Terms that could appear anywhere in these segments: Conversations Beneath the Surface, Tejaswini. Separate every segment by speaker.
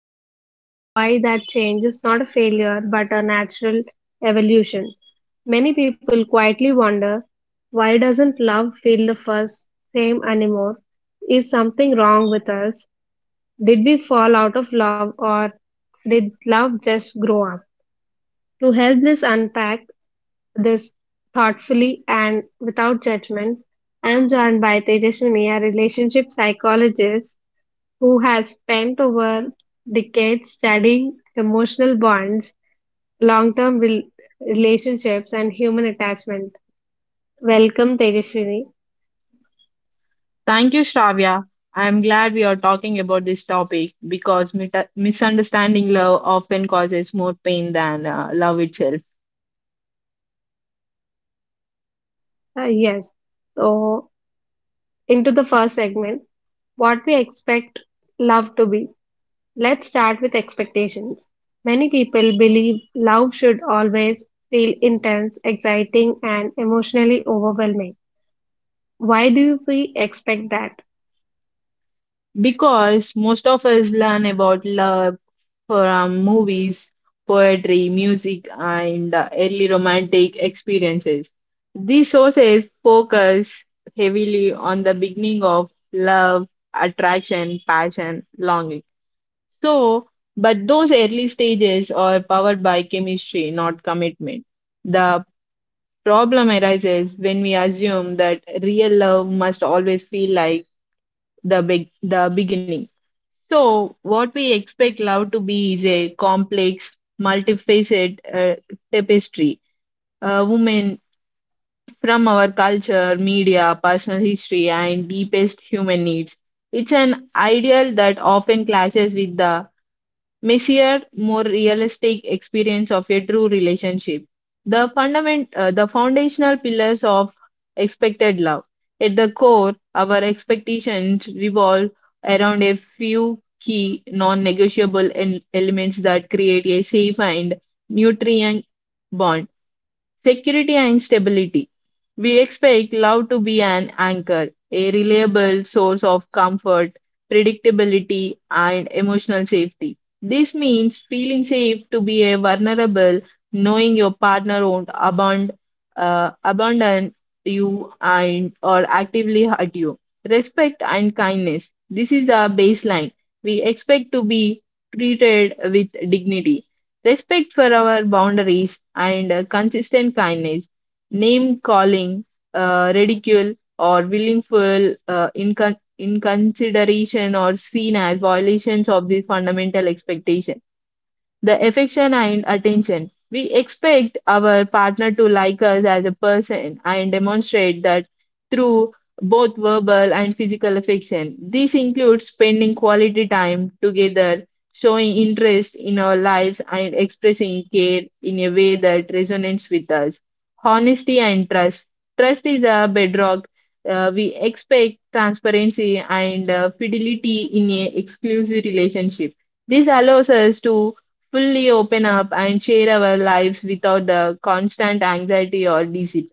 Speaker 1: over time and why that change is not a failure but a natural evolution. Many people quietly wonder, why doesn't love feel the first same anymore? Is something wrong with us? Did we fall out of love or did love just grow up? To help us unpack this thoughtfully and without judgment, I am joined by Tejaswini, a relationship psychologist who has spent over decades studying emotional bonds, long term relationships, and human attachment. Welcome, Tejaswini.
Speaker 2: Thank you, Shravya. I am glad we are talking about this topic because misunderstanding love often causes more pain than love itself.
Speaker 1: Yes. So, into the first segment, what we expect love to be. Let's start with expectations. Many people believe love should always feel intense, exciting, and emotionally overwhelming. Why do we expect that?
Speaker 2: Because most of us learn about love from movies, poetry, music, and early romantic experiences. These sources focus heavily on the beginning of love, attraction, passion, longing. So, but those early stages are powered by chemistry, not commitment. The problem arises when we assume that real love must always feel like the beginning. So, what we expect love to be is a complex, multifaceted tapestry. A woman from our culture, media, personal history, and deepest human needs. It's an ideal that often clashes with the messier, more realistic experience of a true relationship. The foundational pillars of expected love. At the core, our expectations revolve around a few key non-negotiable elements that create a safe and nutrient bond. Security and stability. We expect love to be an anchor, a reliable source of comfort, predictability, and emotional safety. This means feeling safe to be a vulnerable, knowing your partner won't abandon you and or actively hurt you. Respect and kindness. This is our baseline. We expect to be treated with dignity. Respect for our boundaries and consistent kindness, name calling, ridicule, or willful inconsideration are seen as violations of these fundamental expectation. The affection and attention. We expect our partner to like us as a person and demonstrate that through both verbal and physical affection. This includes spending quality time together, showing interest in our lives, and expressing care in a way that resonates with us. Honesty and trust. Trust is a bedrock. We expect transparency and fidelity in an exclusive relationship. This allows us to fully open up and share our lives without the constant anxiety or deceit.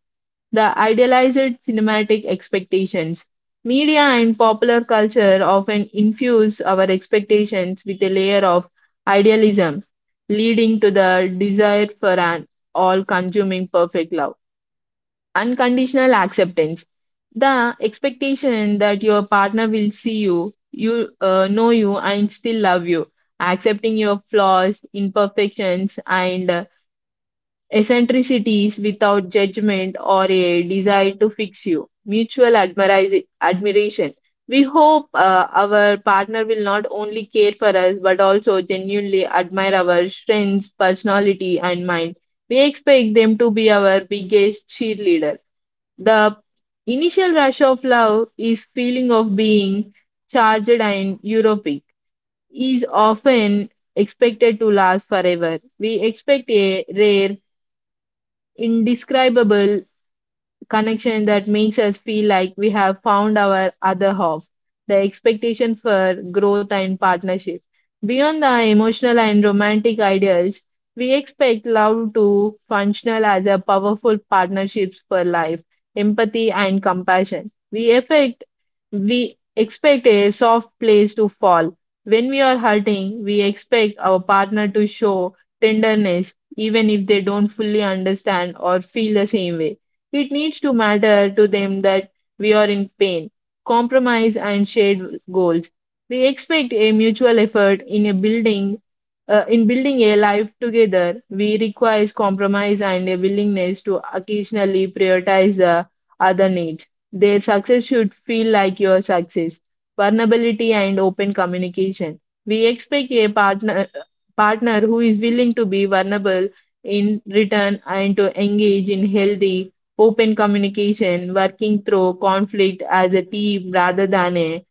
Speaker 2: The idealized cinematic expectations. Media and popular culture often infuse our expectations with a layer of idealism, leading to the desire for an all consuming perfect love, unconditional acceptance, the expectation that your partner will see you know you and still love you, accepting your flaws, imperfections, and eccentricities without judgment or a desire to fix you. Mutual admiration, we hope our partner will not only care for us but also genuinely admire our strengths, personality, and mind. We expect them to be our biggest cheerleader. The initial rush of love is feeling of being charged and euphoric, is often expected to last forever. We expect a rare, indescribable connection that makes us feel like we have found our other half, the expectation for growth and partnership. Beyond the emotional and romantic ideals, we expect love to functional as a powerful partnerships for life, empathy and compassion. We expect a soft place to fall. When we are hurting, we expect our partner to show tenderness even if they don't fully understand or feel the same way. It needs to matter to them that we are in pain, compromise, and shared goals. We expect a mutual effort in building a life together. We require compromise and a willingness to occasionally prioritize the other needs. Their success should feel like your success. Vulnerability and open communication. We expect a partner who is willing to be vulnerable in return and to engage in healthy open communication, working through conflict as a team rather than a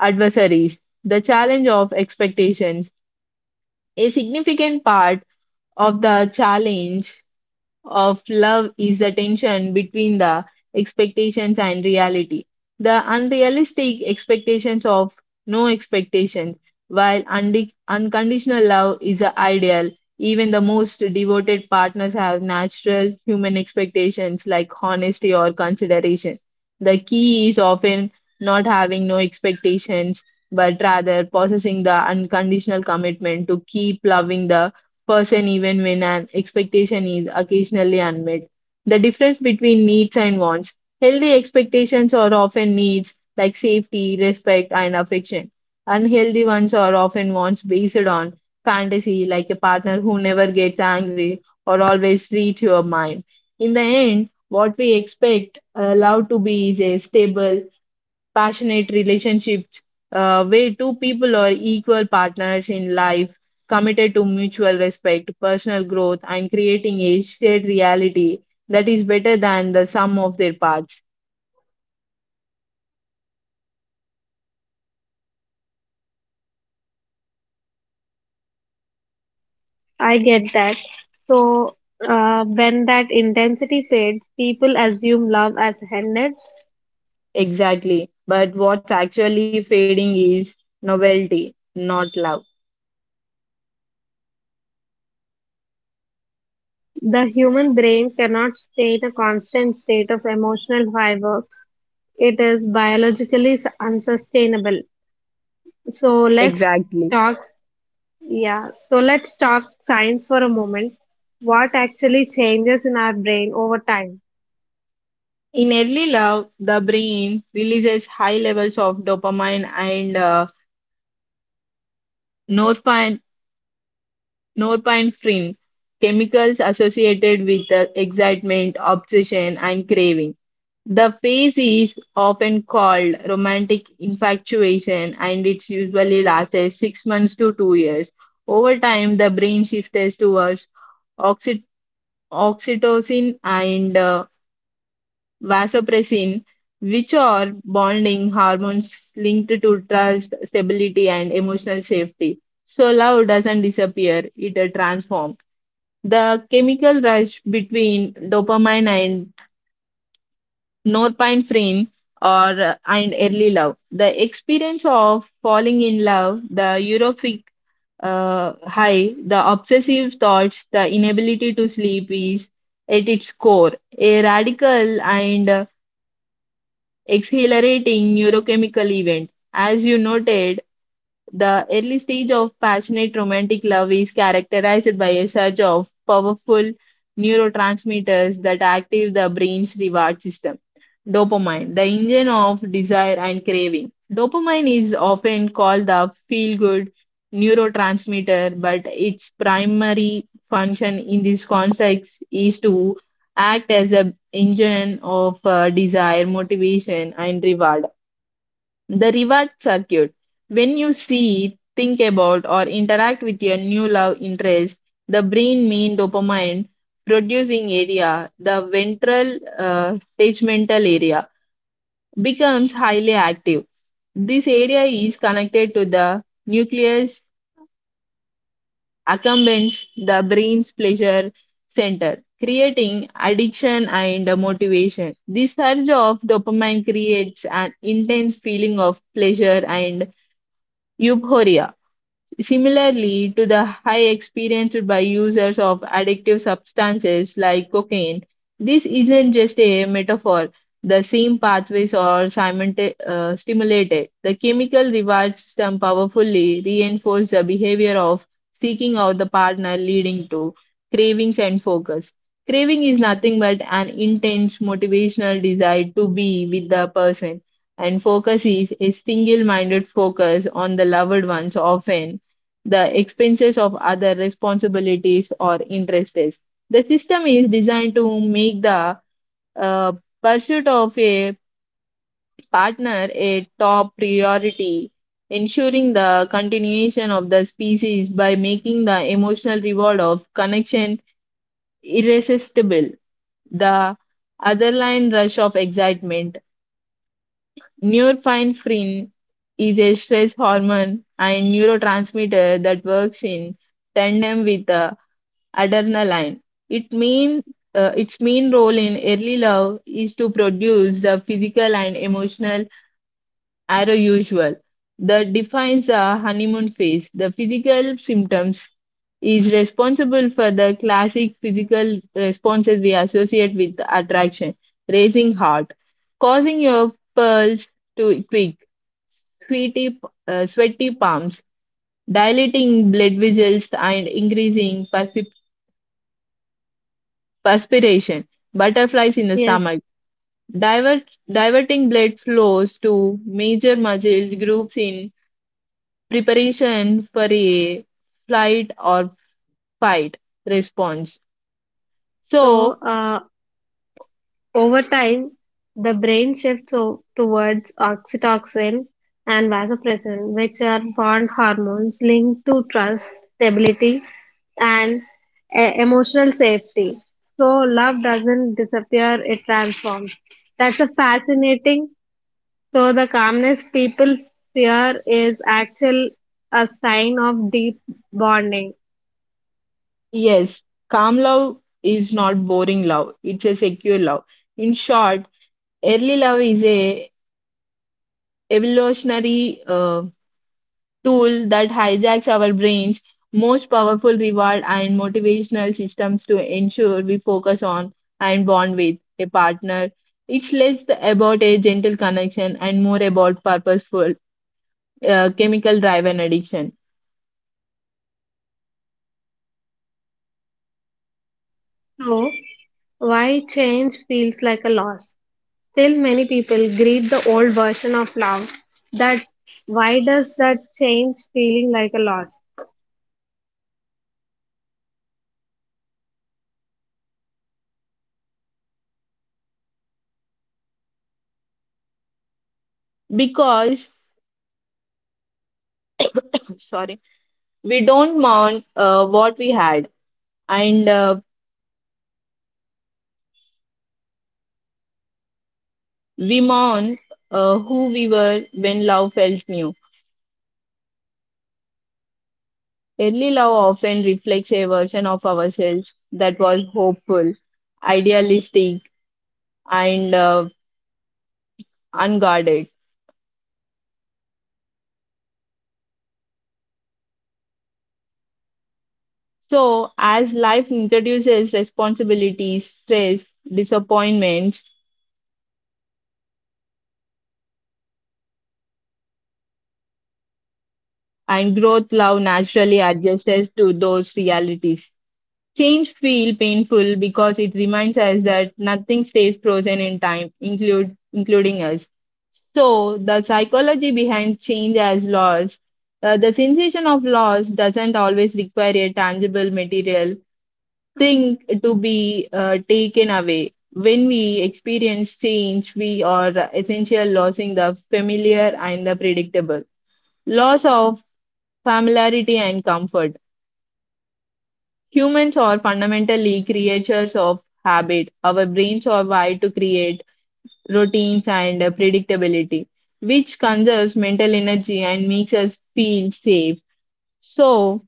Speaker 2: adversaries. The challenge of expectations. A significant part of the challenge of love is the tension between the expectations and reality. The unrealistic expectations of no expectations, while unconditional love is the ideal. Even the most devoted partners have natural human expectations like honesty or consideration. The key is often not having no expectations, but rather possessing the unconditional commitment to keep loving the person even when an expectation is occasionally unmet. The difference between needs and wants. Healthy expectations are often needs like safety, respect, and affection. Unhealthy ones are often wants based on fantasy, like a partner who never gets angry or always reads your mind. In the end, what we expect love to be is a stable, passionate relationships, where two people are equal partners in life, committed to mutual respect, personal growth, and creating a shared reality that is better than the sum of their parts.
Speaker 1: I get that. So, when that intensity fades, people assume love has ended.
Speaker 2: Exactly. But what's actually fading is novelty, not love.
Speaker 1: The human brain cannot stay in a constant state of emotional fireworks. It is biologically unsustainable. So, let's
Speaker 2: Exactly.
Speaker 1: talk yeah, so let's talk science for a moment. What actually changes in our brain over time?
Speaker 2: In early love, the brain releases high levels of dopamine and norepin- norepinephrine, chemicals associated with the excitement, obsession, and craving. The phase is often called romantic infatuation and it usually lasts 6 months to 2 years. Over time, the brain shifts towards oxy- oxytocin and vasopressin, which are bonding hormones linked to trust, stability, and emotional safety. So, love doesn't disappear, it transforms. The chemical rush between dopamine and norepinephrine or and early love. The experience of falling in love, the euphoric high, the obsessive thoughts, the inability to sleep is at its core a radical and exhilarating neurochemical event. As you noted, the early stage of passionate romantic love is characterized by a surge of powerful neurotransmitters that active the brain's reward system. Dopamine, the engine of desire and craving. Dopamine is often called the feel good neurotransmitter, but its primary function in this context is to act as an engine of desire, motivation, and reward. The reward circuit. When you see, think about, or interact with your new love interest, the brain mean dopamine producing area, the ventral tegmental area, becomes highly active. This area is connected to the nucleus accumbens, the brain's pleasure center, creating addiction and motivation. This surge of dopamine creates an intense feeling of pleasure and euphoria, similarly to the high experienced by users of addictive substances like cocaine. This isn't just a metaphor. The same pathways are stimulated. The chemical reward system powerfully reinforces the behavior of seeking out the partner, leading to cravings and focus. Craving is nothing but an intense motivational desire to be with the person, and focus is a single minded focus on the loved ones, often the expenses of other responsibilities or interests. The system is designed to make the uh, pursuit of a partner a top priority, ensuring the continuation of the species by making the emotional reward of connection irresistible. The other line rush of excitement. Norepinephrine, is a stress hormone and neurotransmitter that works in tandem with adrenaline. It mean Its main role in early love is to produce the physical and emotional arousal that defines the honeymoon phase. The physical symptoms is responsible for the classic physical responses we associate with attraction, raising heart, causing your pulse to quick, sweaty, sweaty palms, dilating blood vessels, and increasing perspiration. Perspiration, butterflies in the
Speaker 1: Yes,
Speaker 2: stomach. Divert, Diverting blood flows to major muscle groups in preparation for a flight or fight response.
Speaker 1: so
Speaker 2: So,
Speaker 1: over time, the brain shifts towards oxytocin and vasopressin, which are bond hormones linked to trust, stability, and emotional safety. So, love doesn't disappear, it transforms. That's a fascinating. So the calmness people fear is actual a sign of deep bonding.
Speaker 2: yes, calm love is not boring love, it's a secure love. In short, early love is a evolutionary tool that hijacks our brains, most powerful reward and motivational systems to ensure we focus on and bond with a partner. It's less about a gentle connection and more about purposeful, chemical driven addiction.
Speaker 1: So why change feels like a loss? Still many people grieve the old version of love. That why does that change feeling like a loss?
Speaker 2: Because, sorry, we don't mourn what we had and we mourn who we were when love felt new. Early love often reflects a version of ourselves that was hopeful, idealistic, and unguarded. So, as life introduces responsibilities, stress, disappointments, and growth, love naturally adjusts to those realities. Change feel painful because it reminds us that nothing stays frozen in time, include including us. So the psychology behind change as loss, the sensation of loss doesn't always require a tangible material thing to be taken away. When we experience change, we are essentially losing the familiar and the predictable. Loss of familiarity and comfort. Humans are fundamentally creatures of habit. Our brains are wired to create routines and predictability, which conserves mental energy and makes us feel safe. So,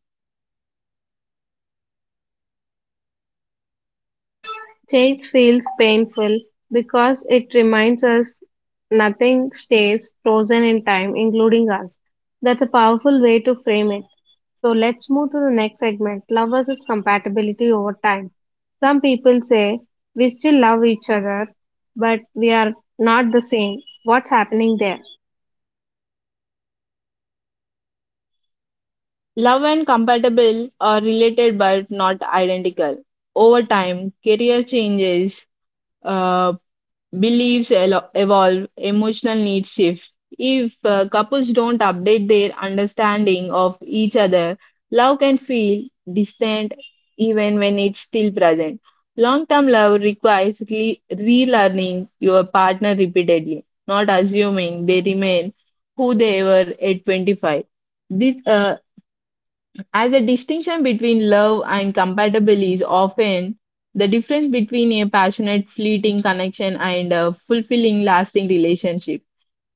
Speaker 1: Yes, change feels painful because it reminds us nothing stays frozen in time, including us. That's a powerful way to frame it. So let's move to the next segment, love versus compatibility over time. Some people say we still love each other, but we are not the same. What's happening there?
Speaker 2: love and compatible are related but not identical. Over time, career changes, uh, evolve, emotional needs shift. If couples don't update their understanding of each other, love can feel distant even when it's still present. Long term love requires relearning your partner repeatedly, not assuming they remain who they were at 25. This as a distinction between love and compatible is often the difference between a passionate, fleeting connection and a fulfilling, lasting relationship.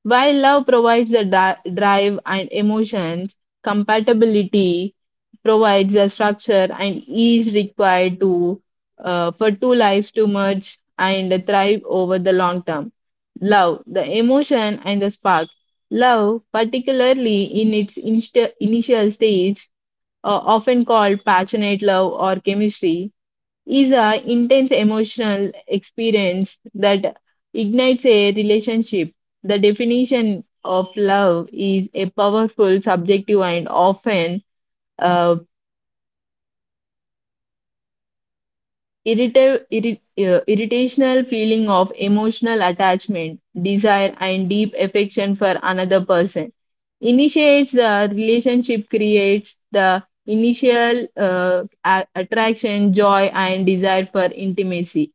Speaker 2: While love provides the drive and emotions, compatibility provides the structure and ease required to for two lives to merge and thrive over the long term. Love, the emotion and the spark. Love, particularly in its inst initial stage, often called passionate love or chemistry, is an intense emotional experience that ignites a relationship. The definition of love is a powerful, subjective, and often uh, Irrita irri- irritational feeling of emotional attachment, desire, and deep affection for another person. Initiates the relationship, creates the initial attraction, joy, and desire for intimacy.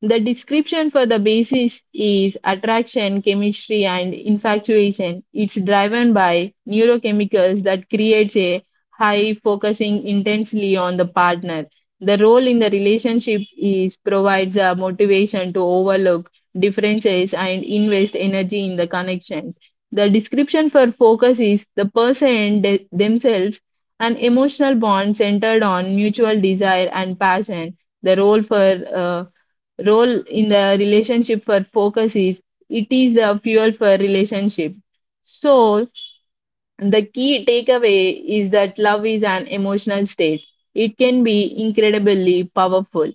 Speaker 2: The description for the basis is attraction, chemistry, and infatuation. It's driven by neurochemicals that creates a high focusing intensely on the partner. The role in the relationship is provides a motivation to overlook differences and invest energy in the connection. The description for focus is the themselves, an emotional bond centered on mutual desire and passion. The role in the relationship for focus is it is a fuel for relationship. So the key takeaway is that love is an emotional state. It can be incredibly powerful,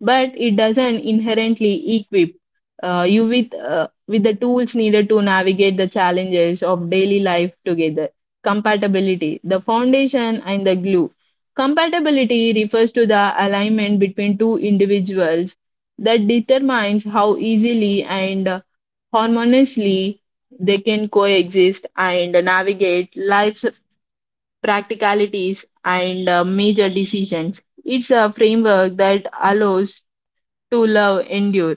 Speaker 2: but it doesn't inherently equip you with the tools needed to navigate the challenges of daily life together. Compatibility, the foundation and the glue. Compatibility refers to the alignment between two individuals that determines how easily and harmoniously they can coexist and navigate life's practicalities and major decisions. It's a framework that allows to love endure.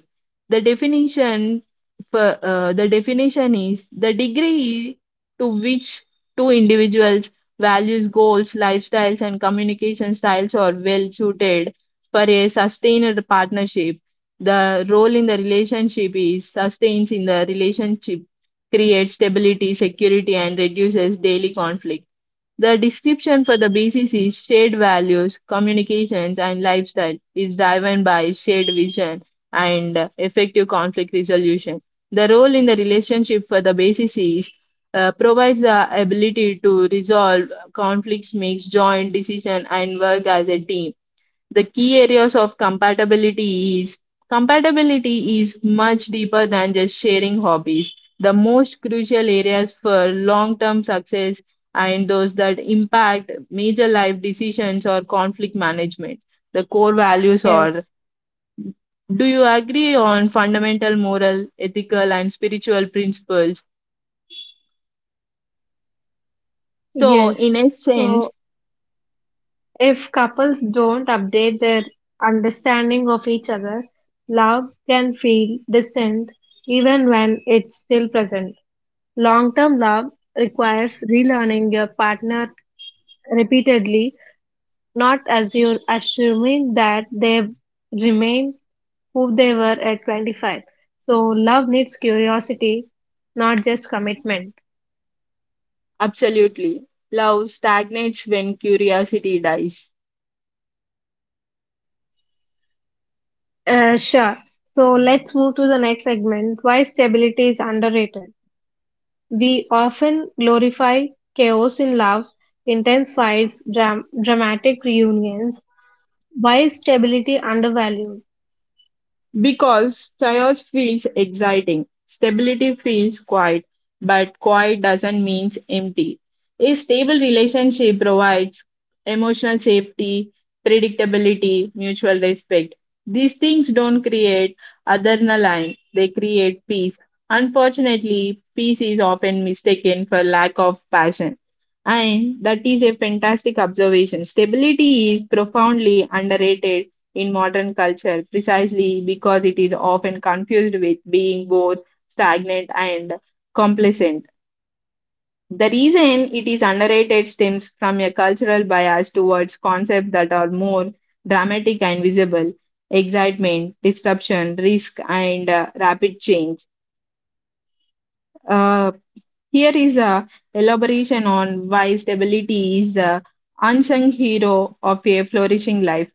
Speaker 2: The definition is the degree to which two individuals' values, goals, lifestyles, and communication styles are well suited for a sustained partnership. The role in the relationship is sustains in the relationship, creates stability, security, and reduces daily conflict. The description for the BCC's shared values, communications, and lifestyle is driven by shared vision and effective conflict resolution. The role in the relationship for the BCC provides the ability to resolve conflicts, make joint decision, and work as a team. The key areas of compatibility is much deeper than just sharing hobbies. The most crucial areas for long term success and those that impact major life decisions or conflict management, the core values
Speaker 1: Yes,
Speaker 2: are, do you
Speaker 1: uh,
Speaker 2: agree on fundamental moral ethical and spiritual principles? So
Speaker 1: yes.
Speaker 2: in a
Speaker 1: So,
Speaker 2: sense,
Speaker 1: if couples don't update their understanding of each other, love can feel distant even when it's still present. Long term love requires relearning your partner repeatedly, not as you are assuming that they remain who they were at 25. So, love needs curiosity, not just commitment.
Speaker 2: absolutely, love stagnates when curiosity dies.
Speaker 1: Sure. So, let's move to the next segment, why stability is underrated. We often glorify chaos in love, intense fights, dramatic reunions. Why is stability undervalued?
Speaker 2: Because chaos feels exciting, stability feels quiet, but quiet doesn't mean empty. A stable relationship provides emotional safety, predictability, mutual respect. These things don't create adrenaline, they create peace. Unfortunately, peace is often mistaken for lack of passion. And that is a fantastic observation. Stability is profoundly underrated in modern culture precisely because it is often confused with being both stagnant and complacent. The reason it is underrated stems from a cultural bias towards concepts that are more dramatic and visible, excitement, disruption, risk, and rapid change. Uh, Here is a elaboration on why stability is the unsung hero of a flourishing life.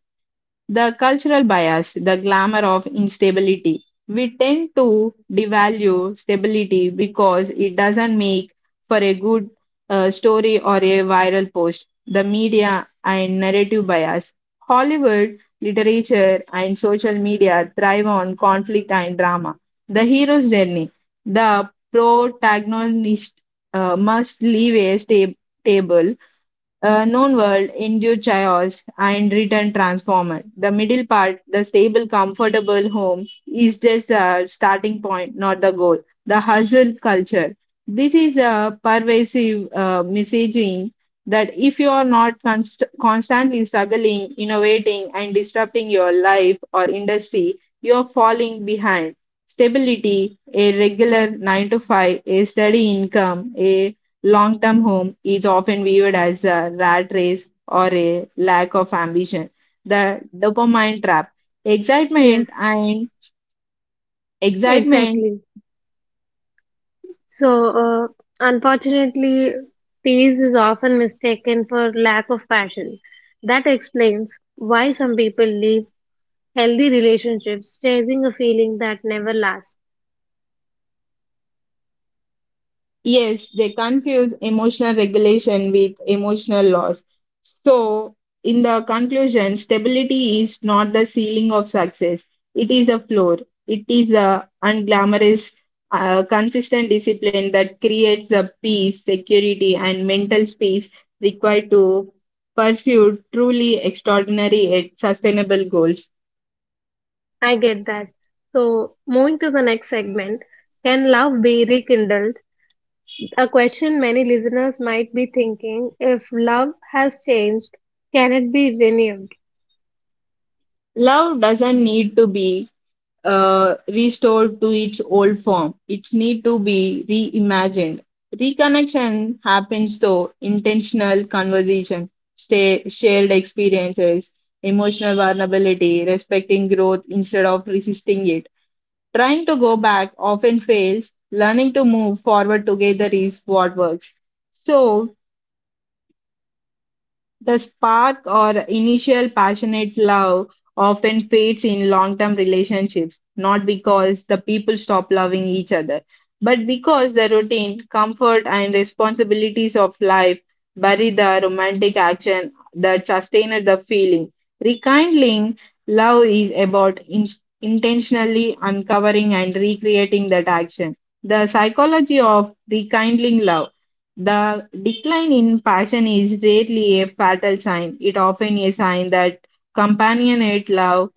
Speaker 2: The cultural bias, the glamour of instability. We tend to devalue stability because it doesn't make for a good story or a viral post. The media and narrative bias. Hollywood, literature, and social media thrive on conflict and drama. The hero's journey. The protagonist must leave a table known world, induced chaos, and return transformer. The middle part, the stable, comfortable home, is just a starting point, not the goal. The hustle culture. This is a pervasive messaging that if you are not const- constantly struggling, innovating, and disrupting your life or industry, you are falling behind. Stability, a regular 9 to 5, a steady income, a long term home is often viewed as a rat race or a lack of ambition. The dopamine trap. Excitement
Speaker 1: Yes,
Speaker 2: and excitement.
Speaker 1: exactly. So, uh, unfortunately, peace is often mistaken for lack of passion. That explains why some people leave healthy relationships chasing a feeling that never lasts.
Speaker 2: Yes, they confuse emotional regulation with emotional loss. So, in the conclusion, stability is not the ceiling of success, it is a floor. It is a unglamorous, consistent discipline that creates the peace, security, and mental space required to pursue truly extraordinary and sustainable goals.
Speaker 1: I get that. So, moving to the next segment, can love be rekindled? A question many listeners might be thinking, if love has changed, can it be renewed?
Speaker 2: Love doesn't need to be restored to its old form. It needs to be reimagined. Reconnection happens through intentional conversation, stay, shared experiences, emotional vulnerability, respecting growth instead of resisting it. Trying to go back often fails. Learning to move forward together is what works. So, the spark or initial passionate love often fades in long term relationships, not because the people stop loving each other, but because the routine, comfort, and responsibilities of life bury the romantic action that sustained the feeling. Rekindling love is about intentionally uncovering and recreating that action. The psychology of rekindling love. The decline in passion is rarely a fatal sign. It often a sign that companionate love,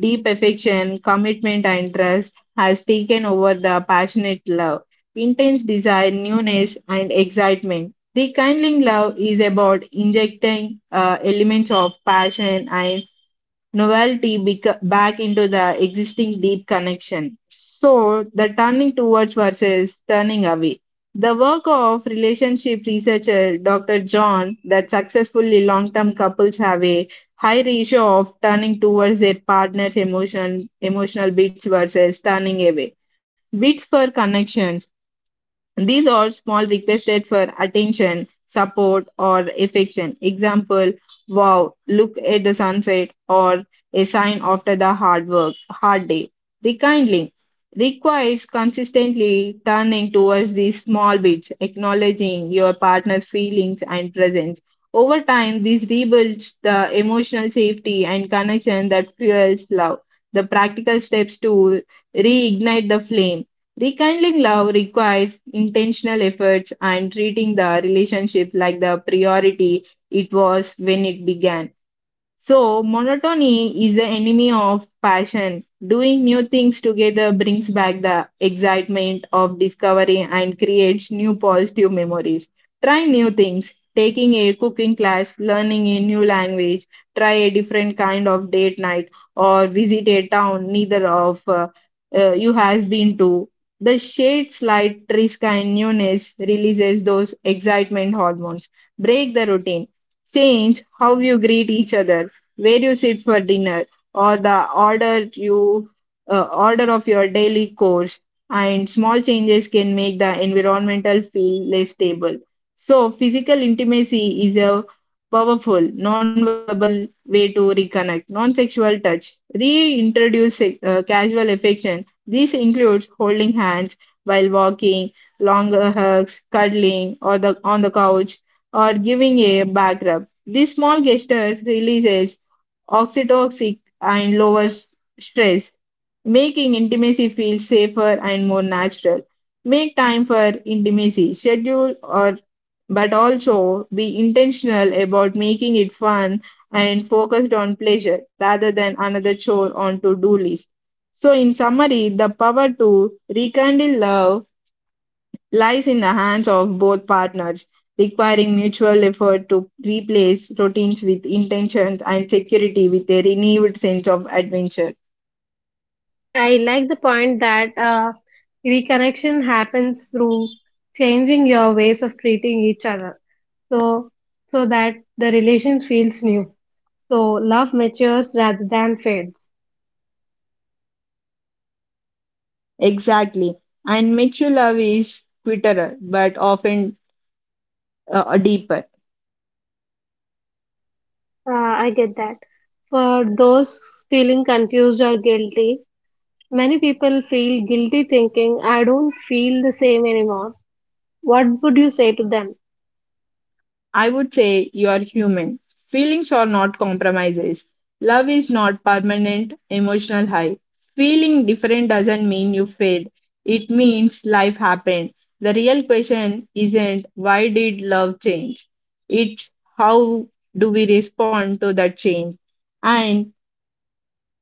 Speaker 2: deep affection, commitment, and trust has taken over the passionate love, intense desire, newness, and excitement. Rekindling love is about injecting elements of passion and novelty back into the existing deep connection. So, the turning towards versus turning away. The work of relationship researcher Dr. John that successfully long term couples have a high ratio of turning towards their partner's emotional beats versus turning away. Beats per connection, these are small requested for attention, support, or affection. Example, wow, look at the sunset, or a sign after the hard day. Rekindling requires consistently turning towards these small bits, acknowledging your partner's feelings and presence. Over time, this rebuilds the emotional safety and connection that fuels love. The practical steps to reignite the flame. Rekindling love requires intentional efforts and treating the relationship like the priority it was when it began. So, monotony is the enemy of passion. Doing new things together brings back the excitement of discovery and creates new positive memories. Try new things, taking a cooking class, learning a new language, try a different kind of date night, or visit a town neither of you has been to. The shade slight risk and newness releases those excitement hormones. Break the routine, change how you greet each other, where you sit for dinner, or the order of your daily course. And small changes can make the environmental feel less stable. So physical intimacy is a powerful non-verbal way to reconnect. Non-sexual touch reintroduce casual affection. This includes holding hands while walking, longer hugs, cuddling, or the on the couch, or giving a back rub. These small gestures releases oxytocin, and lowers stress, making intimacy feel safer and more natural. Make time for intimacy, schedule or but also be intentional about making it fun and focused on pleasure rather than another chore on to-do list. So in summary, the power to rekindle love lies in the hands of both partners, requiring mutual effort to replace routines with intentions and security with a renewed sense of adventure.
Speaker 1: I like the point that reconnection happens through changing your ways of treating each other, so so that the relation feels new. So love matures rather than fades.
Speaker 2: Exactly. And mature love is quieter but often deeper.
Speaker 1: I get that. For those feeling confused or guilty, many people feel guilty thinking, I don't feel the same anymore. What would you say to them?
Speaker 2: I would say you are human. Feelings are not compromises. Love is not permanent emotional high. Feeling different doesn't mean you failed. It means life happened. The real question isn't, why did love change? It's, how do we respond to that change? And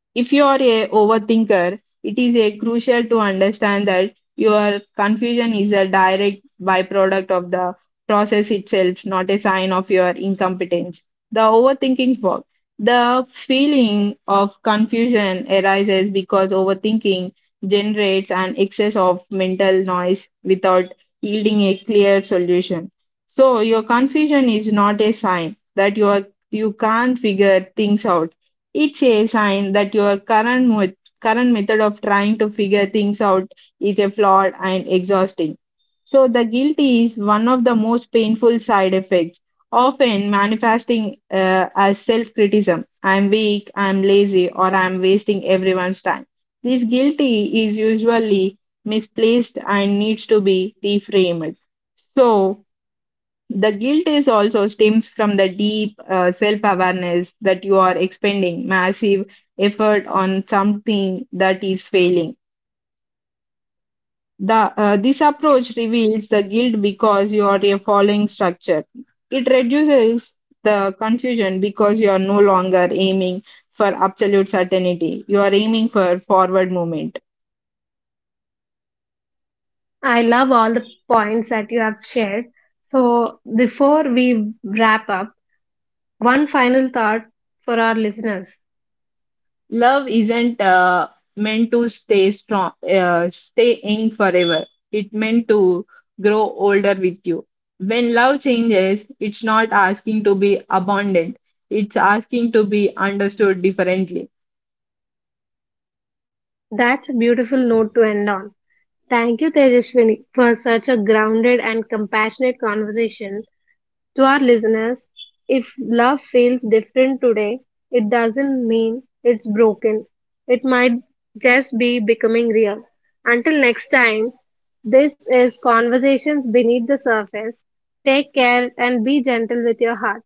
Speaker 2: if you are a overthinker, it is a crucial to understand that your confusion is a direct byproduct of the process itself, not a sign of your incompetence. The overthinking fog. The feeling of confusion arises because overthinking generates an excess of mental noise without yielding a clear solution. So your confusion is not a sign that you are, you can't figure things out, it's a sign that your current method of trying to figure things out is a flawed and exhausting. So the guilt is one of the most painful side effects, often manifesting as self-criticism. I'm weak, I'm lazy, or I'm wasting everyone's time. This guilty is usually misplaced and needs to be reframed. So the guilt is also stems from the deep self awareness that you are expending massive effort on something that is failing. This approach reveals the guilt because you are a following structure. It reduces the confusion because you are no longer aiming for absolute certainty. You are aiming for forward movement.
Speaker 1: I love all the points that you have shared. So, before we wrap up, one final thought for our listeners.
Speaker 2: Love isn't meant to stay strong, stay in forever. It meant to grow older with you. When love changes, it's not asking to be abundant. It's asking to be understood differently.
Speaker 1: That's a beautiful note to end on. Thank you, Tejaswini, for such a grounded and compassionate conversation. To our listeners, if love feels different today, it doesn't mean it's broken. It might just be becoming real. Until next time, this is Conversations Beneath the Surface. Take care and be gentle with your heart.